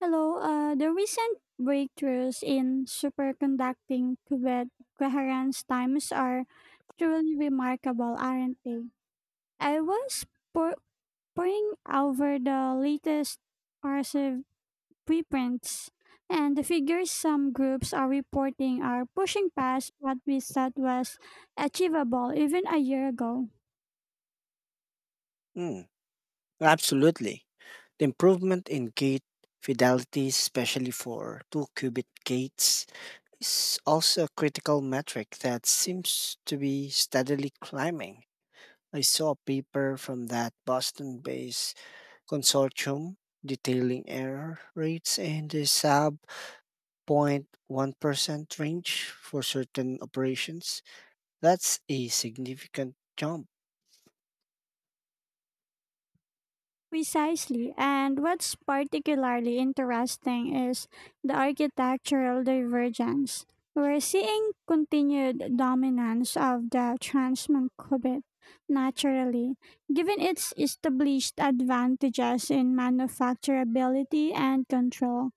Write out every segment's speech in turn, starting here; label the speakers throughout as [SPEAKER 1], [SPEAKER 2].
[SPEAKER 1] Hello, the recent breakthroughs in superconducting qubit coherence times are truly remarkable, aren't they? I was pour- pouring over the latest RSIV preprints, and the figures some groups are reporting are pushing past what we thought was achievable even a year ago.
[SPEAKER 2] Mm, absolutely. The improvement in gate fidelity, especially for two qubit gates, is also a critical metric that seems to be steadily climbing. I saw a paper from that Boston based consortium detailing error rates in the sub 0.1% range for certain operations. That's a significant jump.
[SPEAKER 1] Precisely. And what's particularly interesting is the architectural divergence. We're seeing continued dominance of the Trans-Mancubit naturally, given its established advantages in manufacturability and control.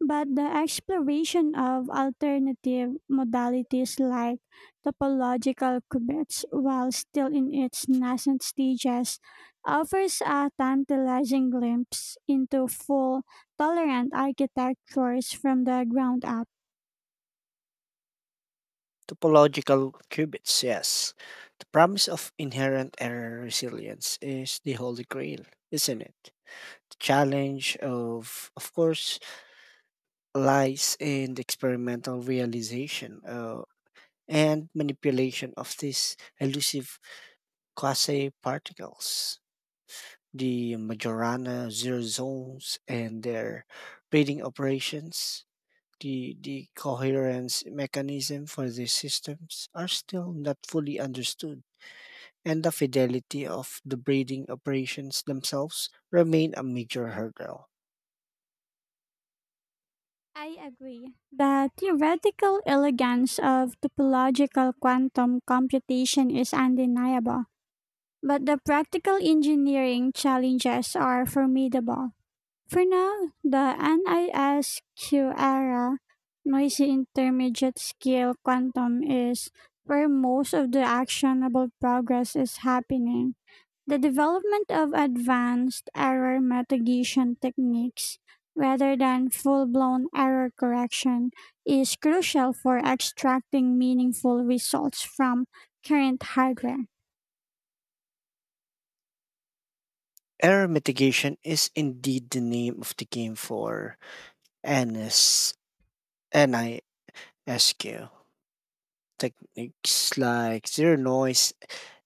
[SPEAKER 1] But the exploration of alternative modalities like topological qubits, while still in its nascent stages, offers a tantalizing glimpse into full tolerant architectures from the ground up.
[SPEAKER 2] Topological qubits, yes. The promise of inherent error resilience is the holy grail, isn't it? The challenge of course lies in the experimental realization and manipulation of these elusive quasi particles. The Majorana zero zones and their reading operations, the coherence mechanism for these systems are still not fully understood, and the fidelity of the breeding operations themselves remain a major hurdle.
[SPEAKER 1] I agree. The theoretical elegance of topological quantum computation is undeniable, but the practical engineering challenges are formidable. For now, the NISQ era, noisy intermediate scale quantum, is where most of the actionable progress is happening. The development of advanced error mitigation techniques rather than full blown error correction is crucial for extracting meaningful results from current hardware.
[SPEAKER 2] Error mitigation is indeed the name of the game for NS, NISQ. Techniques like zero noise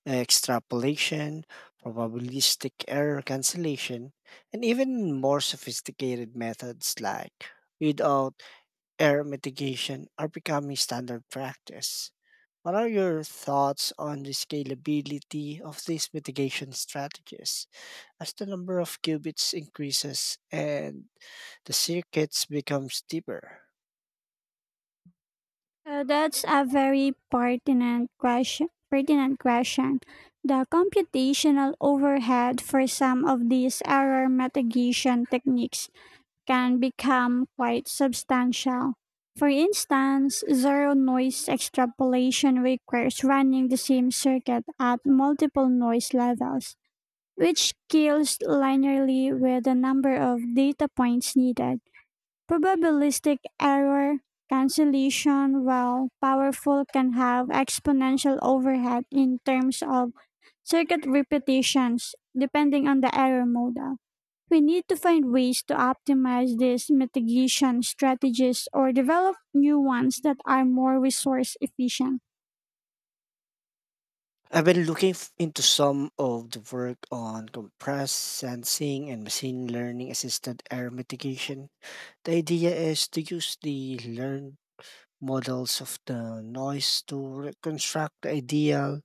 [SPEAKER 2] extrapolation, probabilistic error cancellation, and even more sophisticated methods like readout error mitigation are becoming standard practice. What are your thoughts on the scalability of these mitigation strategies? As the number of qubits increases and the circuits becomes deeper.
[SPEAKER 1] So that's a very pertinent question. The computational overhead for some of these error mitigation techniques can become quite substantial. For instance, zero noise extrapolation requires running the same circuit at multiple noise levels, which scales linearly with the number of data points needed. Probabilistic error cancellation, while powerful, can have exponential overhead in terms of circuit repetitions, depending on the error model. We need to find ways to optimize these mitigation strategies or develop new ones that are more resource efficient.
[SPEAKER 2] I've been into some of the work on compressed sensing and machine learning assisted error mitigation. The idea is to use the learned models of the noise to reconstruct the ideal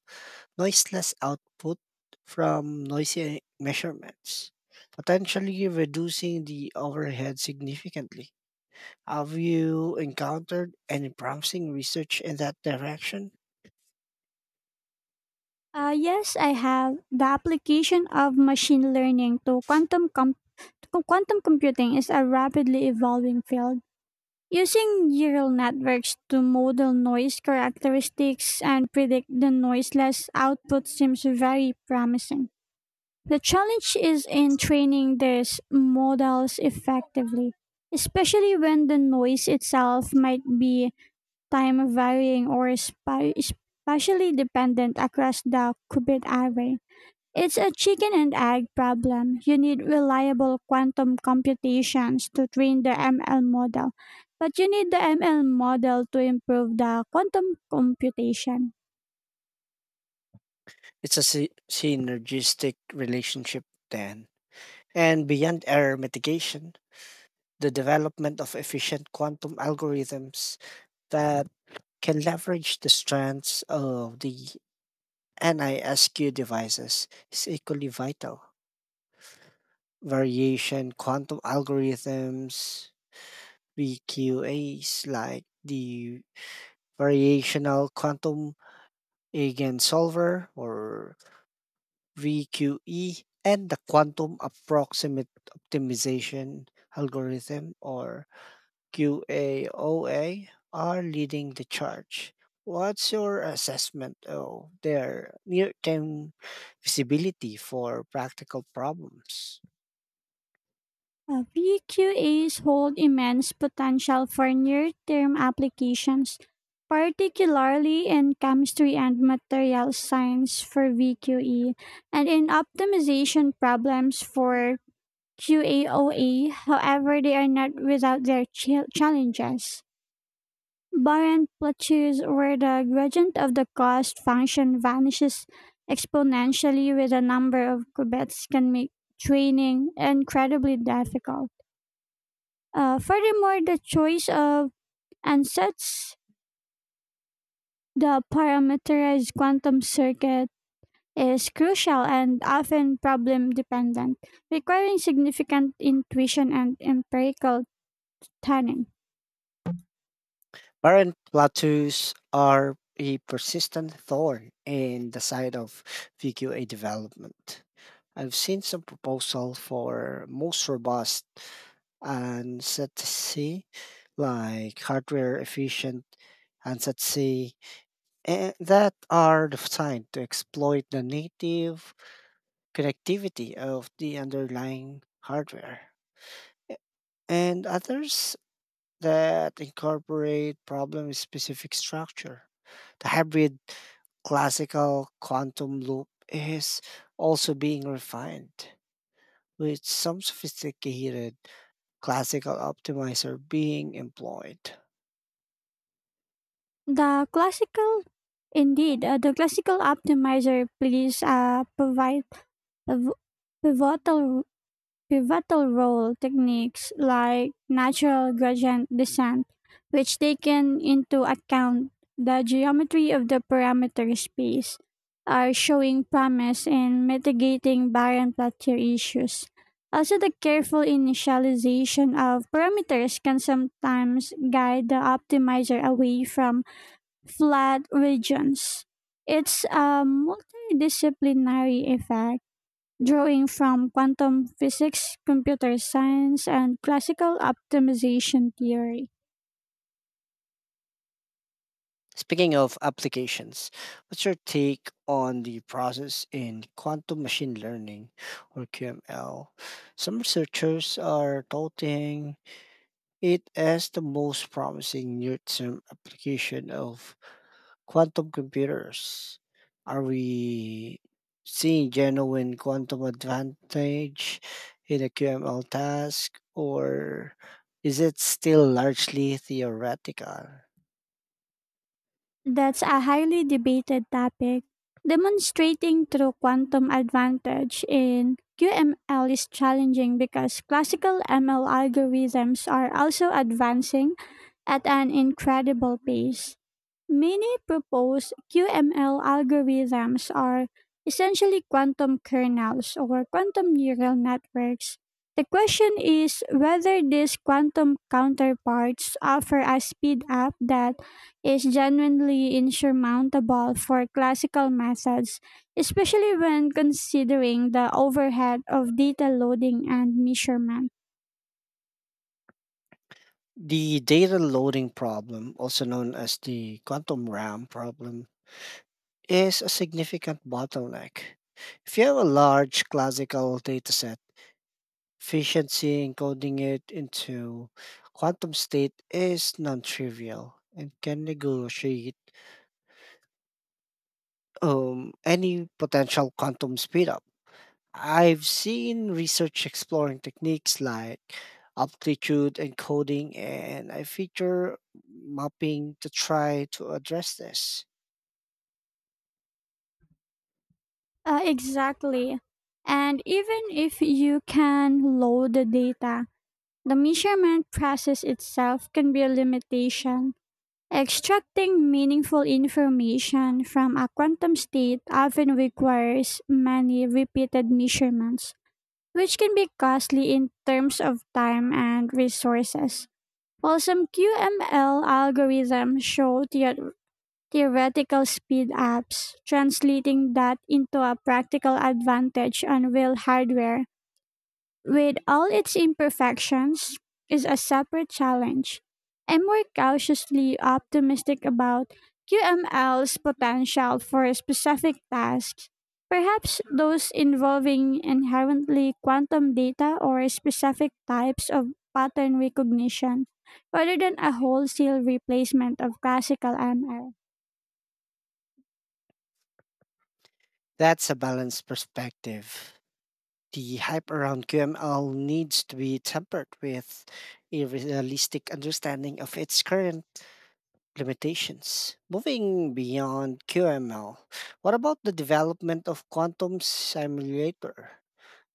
[SPEAKER 2] noiseless output from noisy measurements, potentially reducing the overhead significantly. Have you encountered any promising research in that direction?
[SPEAKER 1] Yes, I have. The application of machine learning to to quantum computing is a rapidly evolving field. Using neural networks to model noise characteristics and predict the noiseless output seems very promising. The challenge is in training these models effectively, especially when the noise itself might be time varying or spatially dependent across the qubit array. It's a chicken and egg problem. You need reliable quantum computations to train the ML model, but you need the ML model to improve the quantum computation.
[SPEAKER 2] It's a synergistic relationship, then. And beyond error mitigation, the development of efficient quantum algorithms that can leverage the strengths of the NISQ devices is equally vital. Variation quantum algorithms, VQAs, like the variational quantum eigensolver or VQE, and the quantum approximate optimization algorithm or QAOA are leading the charge. What's your assessment of their near term feasibility for practical problems?
[SPEAKER 1] VQAs hold immense potential for near term applications, particularly in chemistry and material science for VQE, and in optimization problems for QAOA. However, they are not without their challenges. Barren plateaus where the gradient of the cost function vanishes exponentially with a number of qubits can make training incredibly difficult. Furthermore, the choice of ansatz, the parameterized quantum circuit, is crucial and often problem dependent, requiring significant intuition and empirical tuning.
[SPEAKER 2] Parent plateaus are a persistent thorn in the side of VQA development. I've seen some proposal for most robust and set C, like hardware efficient and set C, and that are designed to exploit the native connectivity of the underlying hardware. And others that incorporate problem specific structure. The hybrid classical quantum loop is also being refined, with some sophisticated classical optimizer being employed.
[SPEAKER 1] The classical, the classical optimizer plays a provide a v- pivotal Pivotal role. Techniques like natural gradient descent, which take in into account the geometry of the parameter space, are showing promise in mitigating barren plateau issues. Also, the careful initialization of parameters can sometimes guide the optimizer away from flat regions. It's a multidisciplinary effect drawing from quantum physics, computer science, and classical optimization theory.
[SPEAKER 2] Speaking of applications, what's your take on the process in quantum machine learning or QML? Some researchers are touting it as the most promising near-term application of quantum computers. Are we seeing genuine quantum advantage in a QML task, or is it still largely theoretical?
[SPEAKER 1] That's a highly debated topic. Demonstrating true quantum advantage in QML is challenging because classical ML algorithms are also advancing at an incredible pace. Many proposed QML algorithms are essentially quantum kernels or quantum neural networks. The question is whether these quantum counterparts offer a speed up that is genuinely insurmountable for classical methods, especially when considering the overhead of data loading and measurement.
[SPEAKER 2] The data loading problem, also known as the quantum RAM problem, is a significant bottleneck. If you have a large classical dataset efficiency encoding it into quantum state is non-trivial and can negotiate any potential quantum speedup. I've seen research exploring techniques like amplitude encoding and I feature mapping to try to address this.
[SPEAKER 1] Exactly. And even if you can load the data, the measurement process itself can be a limitation. Extracting meaningful information from a quantum state often requires many repeated measurements, which can be costly in terms of time and resources. While some QML algorithms show theoretical speed ups, translating that into a practical advantage on real hardware with all its imperfections, is a separate challenge. I'm more cautiously optimistic about QML's potential for specific tasks, perhaps those involving inherently quantum data or specific types of pattern recognition, rather than a wholesale replacement of classical ML.
[SPEAKER 2] That's a balanced perspective. The hype around QML needs to be tempered with a realistic understanding of its current limitations. Moving beyond QML, what about the development of quantum simulator?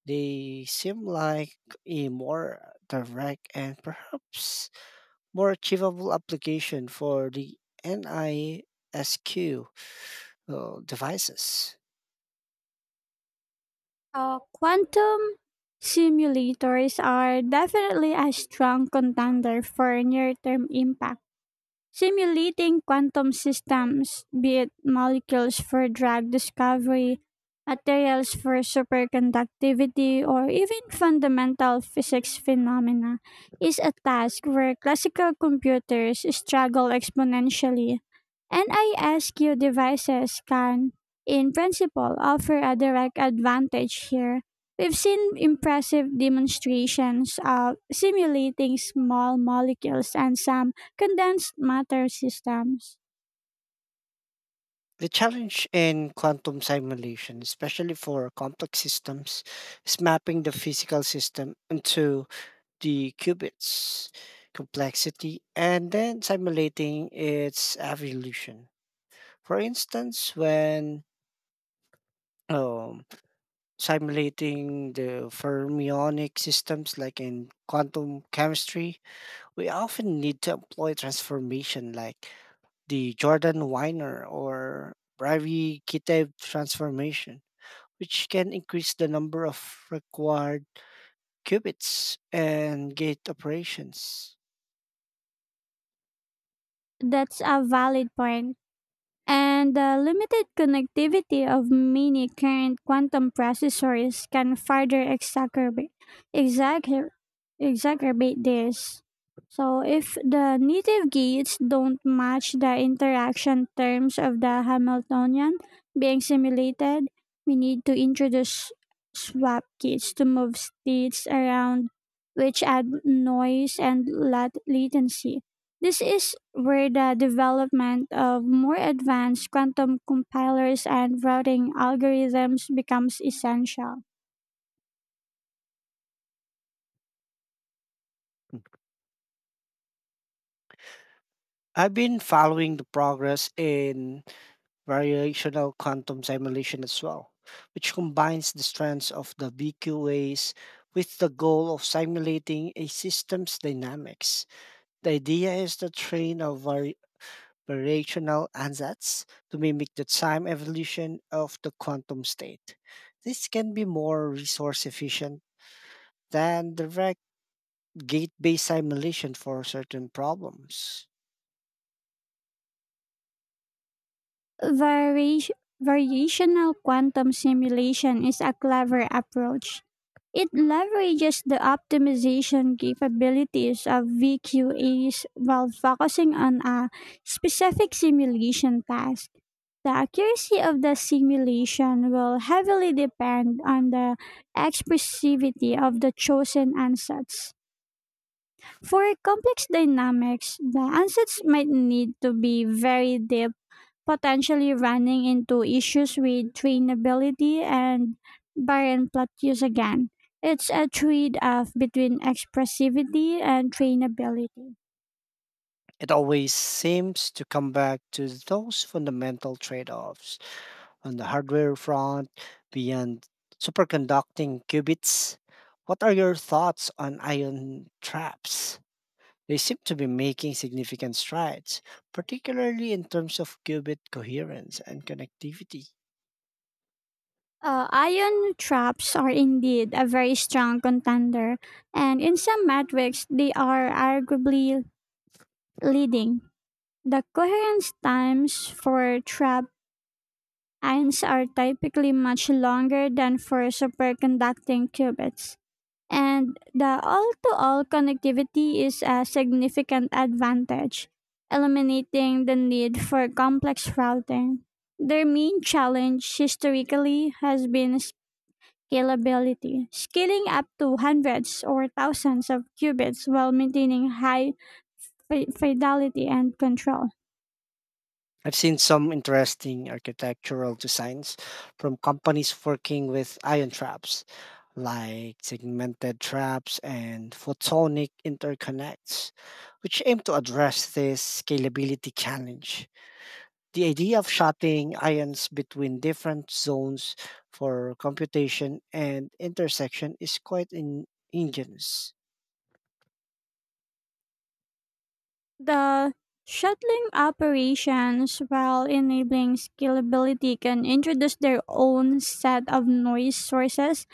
[SPEAKER 2] They seem like a more direct and perhaps more achievable application for the NISQ devices.
[SPEAKER 1] Quantum simulators are definitely a strong contender for near term impact. Simulating quantum systems, be it molecules for drug discovery, materials for superconductivity, or even fundamental physics phenomena, is a task where classical computers struggle exponentially. NISQ devices can, in principle, offer a direct advantage here. We've seen impressive demonstrations of simulating small molecules and some condensed matter systems.
[SPEAKER 2] The challenge in quantum simulation, especially for complex systems, is mapping the physical system into the qubits complexity and then simulating its evolution. For instance, when um, simulating the fermionic systems like in quantum chemistry, we often need to employ transformation like the Jordan Weiner or Brevi Kitev transformation, which can increase the number of required qubits and gate operations.
[SPEAKER 1] That's a valid point. And the limited connectivity of many current quantum processors can further exacer- exacerbate this. So, if the native gates don't match the interaction terms of the Hamiltonian being simulated, we need to introduce swap gates to move states around, which add noise and latency. This is where the development of more advanced quantum compilers and routing algorithms becomes essential.
[SPEAKER 2] Hmm. I've been following the progress in variational quantum simulation as well, which combines the strengths of the BQAs with the goal of simulating a system's dynamics. The idea is to train a operational ansatz to mimic the time evolution of the quantum state. This can be more resource efficient than direct gate based simulation for certain problems.
[SPEAKER 1] Vari- variational quantum simulation is a clever approach. It leverages the optimization capabilities of VQAs while focusing on a specific simulation task. The accuracy of the simulation will heavily depend on the expressivity of the chosen ansatz. For complex dynamics, the ansatz might need to be very deep, potentially running into issues with trainability and barren plot use again. It's a trade off between expressivity and trainability.
[SPEAKER 2] It always seems to come back to those fundamental trade offs. On the hardware front, beyond superconducting qubits, what are your thoughts on ion traps? They seem to be making significant strides, particularly in terms of qubit coherence and connectivity.
[SPEAKER 1] Ion traps are indeed a very strong contender, and in some metrics, they are arguably leading. The coherence times for trap ions are typically much longer than for superconducting qubits, and the all to all connectivity is a significant advantage, eliminating the need for complex routing. Their main challenge historically has been scalability, scaling up to hundreds or thousands of qubits while maintaining high fidelity and control.
[SPEAKER 2] I've seen some interesting architectural designs from companies working with ion traps, like segmented traps and photonic interconnects, which aim to address this scalability challenge. The idea of shutting ions between different zones for computation and intersection is quite ingenious.
[SPEAKER 1] The shuttling operations while enabling scalability can introduce their own set of noise sources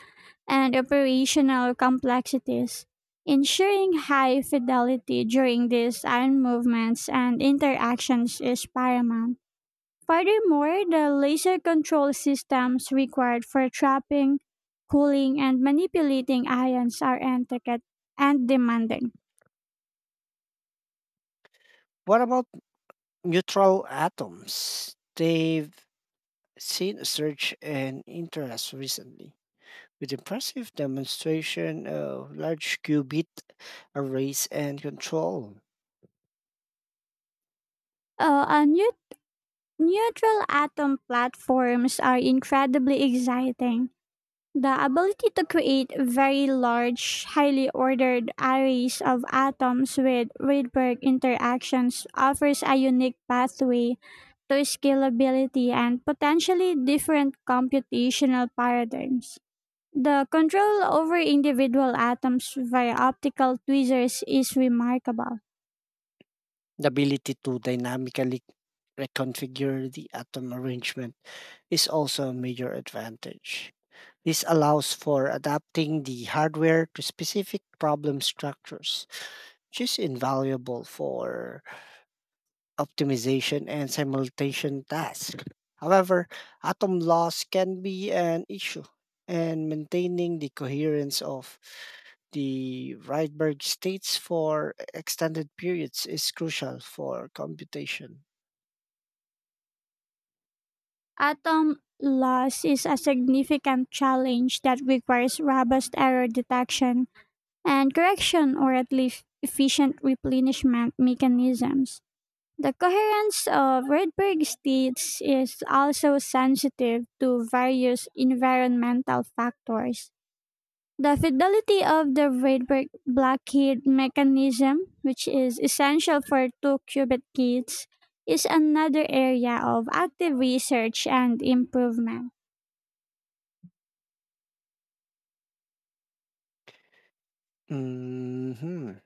[SPEAKER 1] and operational complexities. Ensuring high fidelity during these iron movements and interactions is paramount. Furthermore, the laser control systems required for trapping, cooling, and manipulating ions are intricate and demanding.
[SPEAKER 2] What about neutral atoms? They've seen a surge in interest recently, with impressive demonstration of large qubit arrays and control.
[SPEAKER 1] Uh, a neu- neutral atom platforms are incredibly exciting. The ability to create very large, highly ordered arrays of atoms with Rydberg interactions offers a unique pathway to scalability and potentially different computational paradigms. The control over individual atoms via optical tweezers is remarkable.
[SPEAKER 2] The ability to dynamically reconfigure the atom arrangement is also a major advantage. This allows for adapting the hardware to specific problem structures, which is invaluable for optimization and simulation tasks. However, atom loss can be an issue, and maintaining the coherence of the Rydberg states for extended periods is crucial for computation.
[SPEAKER 1] Atom loss is a significant challenge that requires robust error detection and correction, or at least efficient replenishment mechanisms. The coherence of Rydberg states is also sensitive to various environmental factors. The fidelity of the Rydberg blockade mechanism, which is essential for two qubit gates, is another area of active research and improvement.
[SPEAKER 2] Mhm.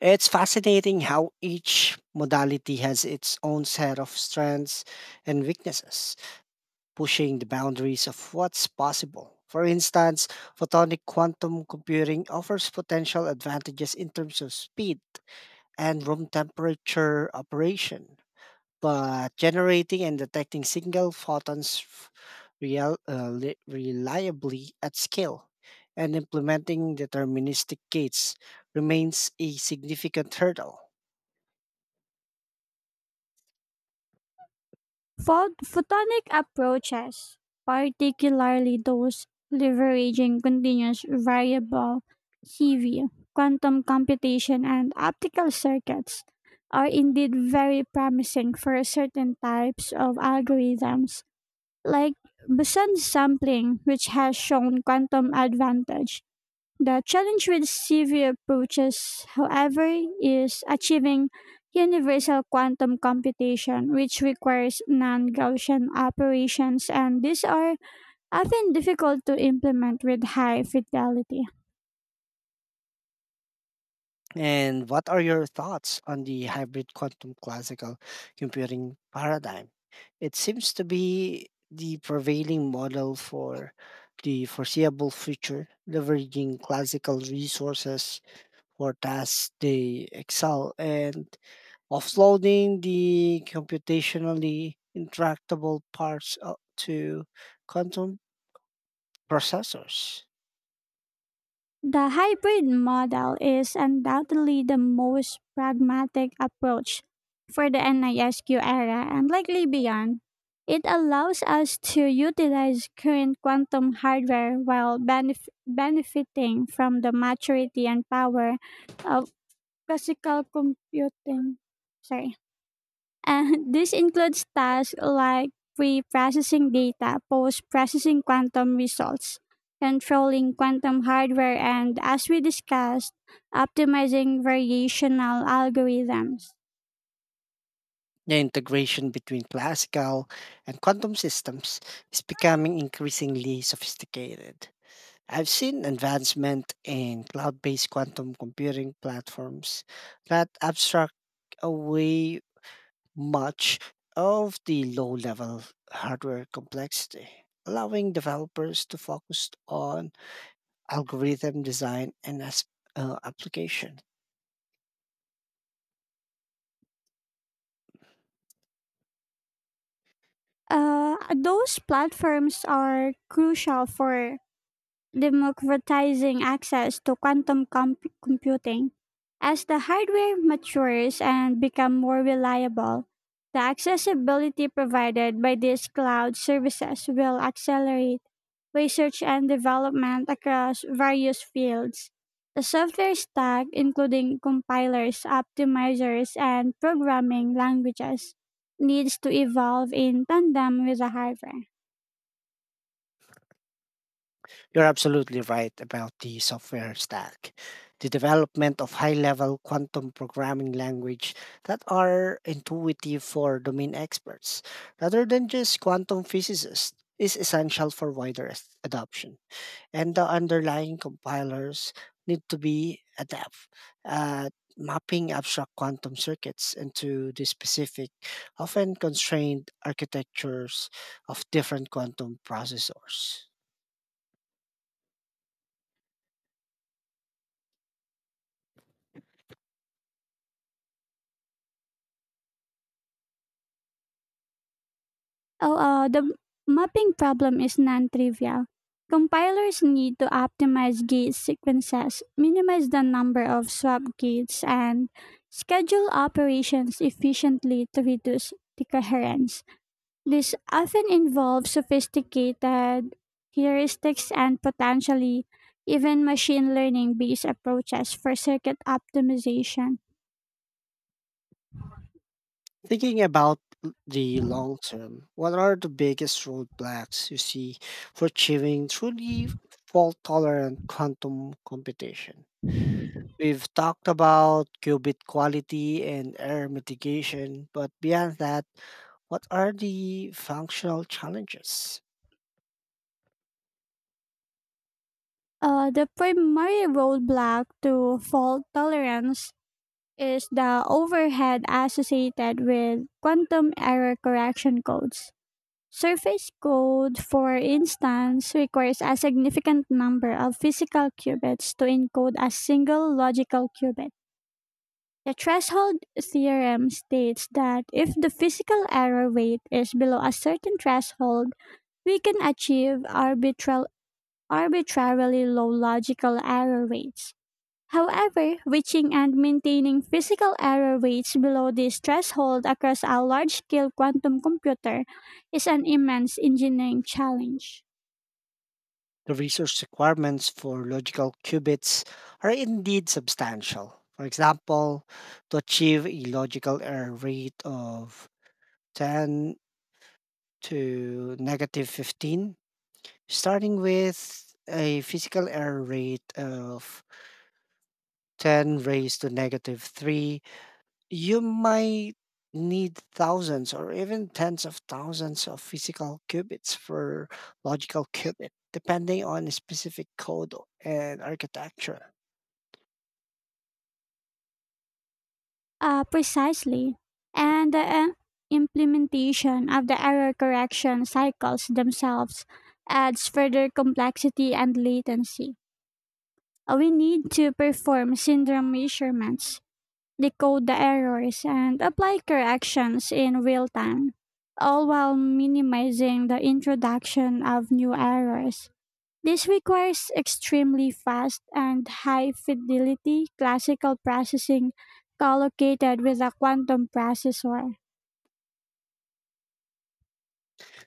[SPEAKER 2] It's fascinating how each modality has its own set of strengths and weaknesses, pushing the boundaries of what's possible. For instance, photonic quantum computing offers potential advantages in terms of speed and room temperature operation, but generating and detecting single photons reliably at scale and implementing deterministic gates remains a significant hurdle.
[SPEAKER 1] Photonic approaches, particularly those leveraging continuous variable CV, quantum computation, and optical circuits, are indeed very promising for certain types of algorithms like Besant's sampling, which has shown quantum advantage. The challenge with CV approaches, however, is achieving universal quantum computation, which requires non Gaussian operations, and these are often difficult to implement with high fidelity.
[SPEAKER 2] And what are your thoughts on the hybrid quantum classical computing paradigm? It seems to be the prevailing model for the foreseeable future, leveraging classical resources for tasks they excel and offloading the computationally intractable parts to quantum processors.
[SPEAKER 1] The hybrid model is undoubtedly the most pragmatic approach for the NISQ era and likely beyond. It allows us to utilize current quantum hardware while benefiting from the maturity and power of classical computing. Sorry. And this includes tasks like pre processing data, post processing quantum results, controlling quantum hardware, and as we discussed, optimizing variational algorithms.
[SPEAKER 2] The integration between classical and quantum systems is becoming increasingly sophisticated. I've seen advancement in cloud based quantum computing platforms that abstract away much of the low level hardware complexity, allowing developers to focus on algorithm design and application.
[SPEAKER 1] Those platforms are crucial for democratizing access to quantum computing. As the hardware matures and become more reliable, the accessibility provided by these cloud services will accelerate research and development across various fields. The software stack, including compilers, optimizers, and programming languages, needs to evolve in tandem with the hardware.
[SPEAKER 2] You're absolutely right about the software stack. The development of high level quantum programming language that are intuitive for domain experts rather than just quantum physicists is essential for wider adoption. And the underlying compilers need to be adept at mapping abstract quantum circuits into the specific, often constrained architectures of different quantum processors.
[SPEAKER 1] Oh, the mapping problem is non-trivial. Compilers need to optimize gate sequences, minimize the number of swap gates, and schedule operations efficiently to reduce decoherence. This often involves sophisticated heuristics and potentially even machine learning-based approaches for circuit optimization.
[SPEAKER 2] Thinking about the long term, what are the biggest roadblocks you see for achieving truly fault tolerant quantum computation? We've talked about qubit quality and error mitigation, but beyond that, what are the functional challenges?
[SPEAKER 1] The primary roadblock to fault tolerance is the overhead associated with quantum error correction codes. Surface code, for instance, requires a significant number of physical qubits to encode a single logical qubit. The threshold theorem states that if the physical error weight is below a certain threshold, we can achieve arbitrarily low logical error rates. However, reaching and maintaining physical error rates below this threshold across a large-scale quantum computer is an immense engineering challenge.
[SPEAKER 2] The resource requirements for logical qubits are indeed substantial. For example, to achieve a logical error rate of 10 to negative 15, starting with a physical error rate of 10 raised to negative 3, you might need thousands or even tens of thousands of physical qubits for logical qubit, depending on a specific code and architecture.
[SPEAKER 1] Precisely. And the implementation of the error correction cycles themselves adds further complexity and latency. We need to perform syndrome measurements, decode the errors, and apply corrections in real time, all while minimizing the introduction of new errors. This requires extremely fast and high fidelity classical processing collocated with a quantum processor.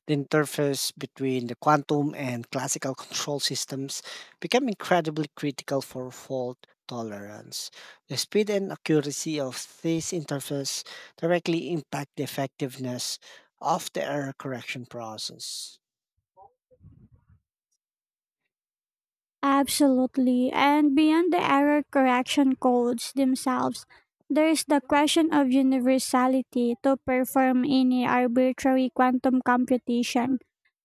[SPEAKER 2] The interface between the quantum and classical control systems became incredibly critical for fault tolerance. The speed and accuracy of this interface directly impact the effectiveness of the error correction process.
[SPEAKER 1] Absolutely. And beyond the error correction codes themselves, there is the question of universality to perform any arbitrary quantum computation.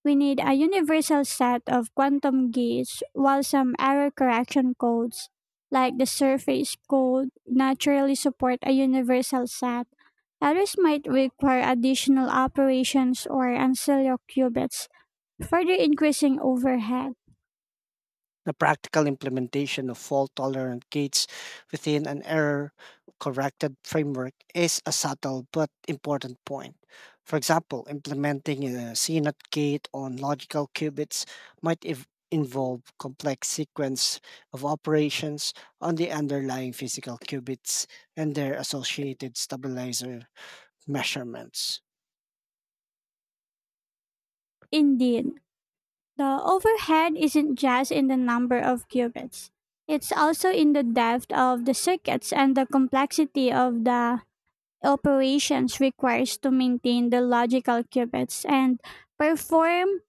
[SPEAKER 1] We need a universal set of quantum gates, while some error correction codes, like the surface code, naturally support a universal set. Others might require additional operations or ancillary qubits, further increasing overhead.
[SPEAKER 2] The practical implementation of fault tolerant gates within an error corrected framework is a subtle but important point. For example, implementing a CNUT gate on logical qubits involve complex sequence of operations on the underlying physical qubits and their associated stabilizer measurements.
[SPEAKER 1] Indeed, the overhead isn't just in the number of qubits. It's also in the depth of the circuits and the complexity of the operations requires to maintain the logical qubits and perform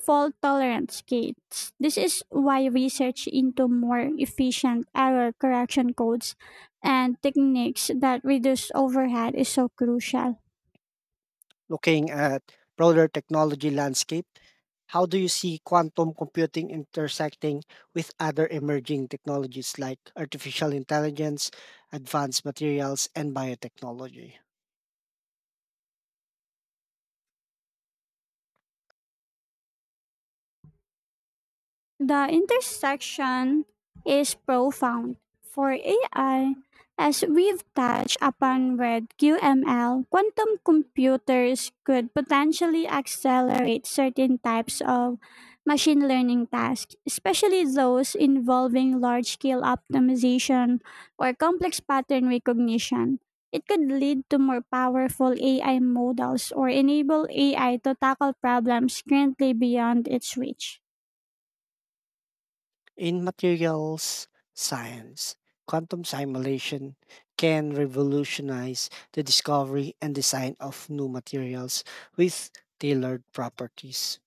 [SPEAKER 1] fault tolerance gates. This is why research into more efficient error correction codes and techniques that reduce overhead is so crucial.
[SPEAKER 2] Looking at broader technology landscape, how do you see quantum computing intersecting with other emerging technologies like artificial intelligence, advanced materials, and biotechnology?
[SPEAKER 1] The intersection is profound. For AI, as we've touched upon with QML, quantum computers could potentially accelerate certain types of machine learning tasks, especially those involving large scale optimization or complex pattern recognition. It could lead to more powerful AI models or enable AI to tackle problems currently beyond its reach.
[SPEAKER 2] In materials science, quantum simulation can revolutionize the discovery and design of new materials with tailored properties.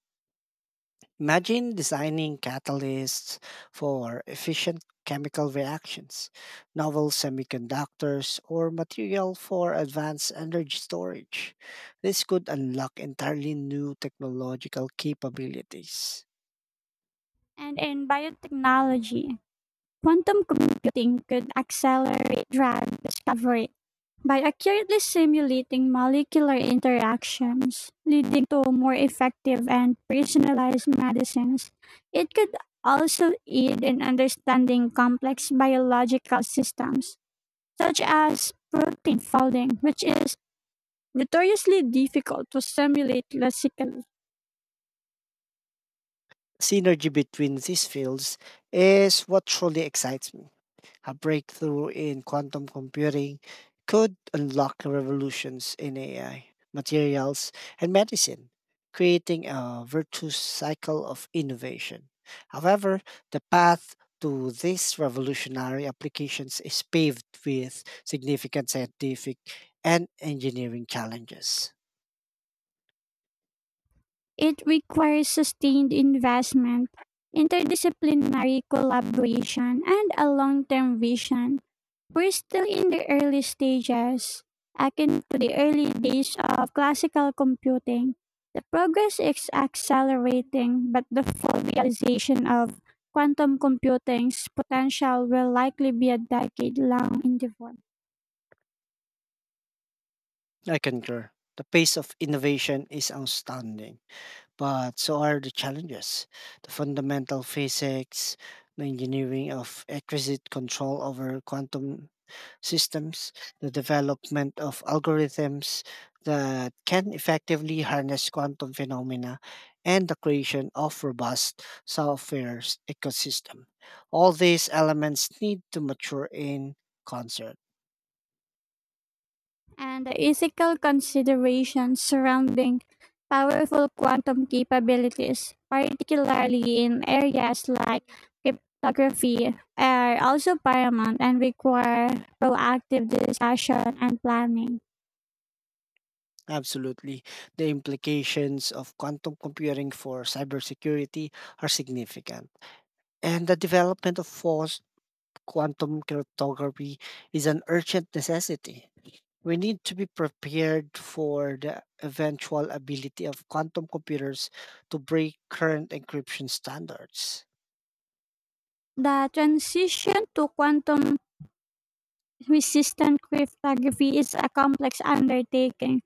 [SPEAKER 2] Imagine designing catalysts for efficient chemical reactions, novel semiconductors, or material for advanced energy storage. This could unlock entirely new technological capabilities.
[SPEAKER 1] And in biotechnology, quantum computing could accelerate drug discovery by accurately simulating molecular interactions, leading to more effective and personalized medicines. It could also aid in understanding complex biological systems, such as protein folding, which is notoriously difficult to simulate classically.
[SPEAKER 2] Synergy between these fields is what truly excites me. A breakthrough in quantum computing could unlock revolutions in AI, materials, and medicine, creating a virtuous cycle of innovation. However, the path to these revolutionary applications is paved with significant scientific and engineering challenges.
[SPEAKER 1] It requires sustained investment, interdisciplinary collaboration, and a long term vision. We're still in the early stages, akin to the early days of classical computing. The progress is accelerating, but the full realization of quantum computing's potential will likely be a decade long endeavor.
[SPEAKER 2] I concur. The pace of innovation is astounding, but so are the challenges: the fundamental physics, the engineering of exquisite control over quantum systems, the development of algorithms that can effectively harness quantum phenomena, and the creation of robust ecosystem. All these elements need to mature in concert.
[SPEAKER 1] And the ethical considerations surrounding powerful quantum capabilities, particularly in areas like cryptography, are also paramount and require proactive discussion and planning.
[SPEAKER 2] Absolutely. The implications of quantum computing for cybersecurity are significant. And the development of forced quantum cryptography is an urgent necessity. We need to be prepared for the eventual ability of quantum computers to break current encryption standards.
[SPEAKER 1] The transition to quantum resistant cryptography is a complex undertaking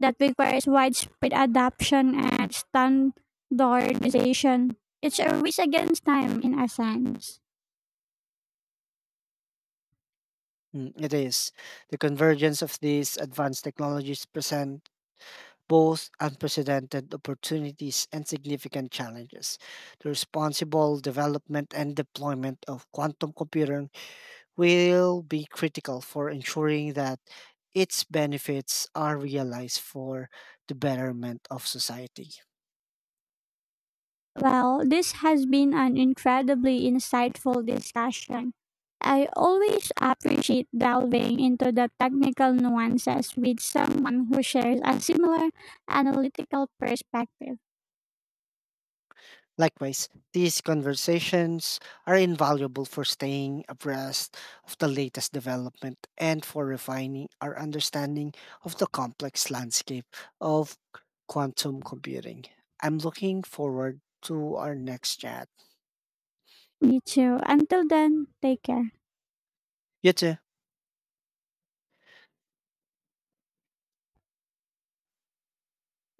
[SPEAKER 1] that requires widespread adoption and standardization. It's a race against time in a sense.
[SPEAKER 2] Mm, it is. The convergence of these advanced technologies present both unprecedented opportunities and significant challenges. The responsible development and deployment of quantum computing will be critical for ensuring that its benefits are realized for the betterment of society.
[SPEAKER 1] Well, this has been an incredibly insightful discussion. I always appreciate delving into the technical nuances with someone who shares a similar analytical perspective.
[SPEAKER 2] Likewise, these conversations are invaluable for staying abreast of the latest development and for refining our understanding of the complex landscape of quantum computing. I'm looking forward to our next chat.
[SPEAKER 1] Me too. Until then, take care.
[SPEAKER 2] You too.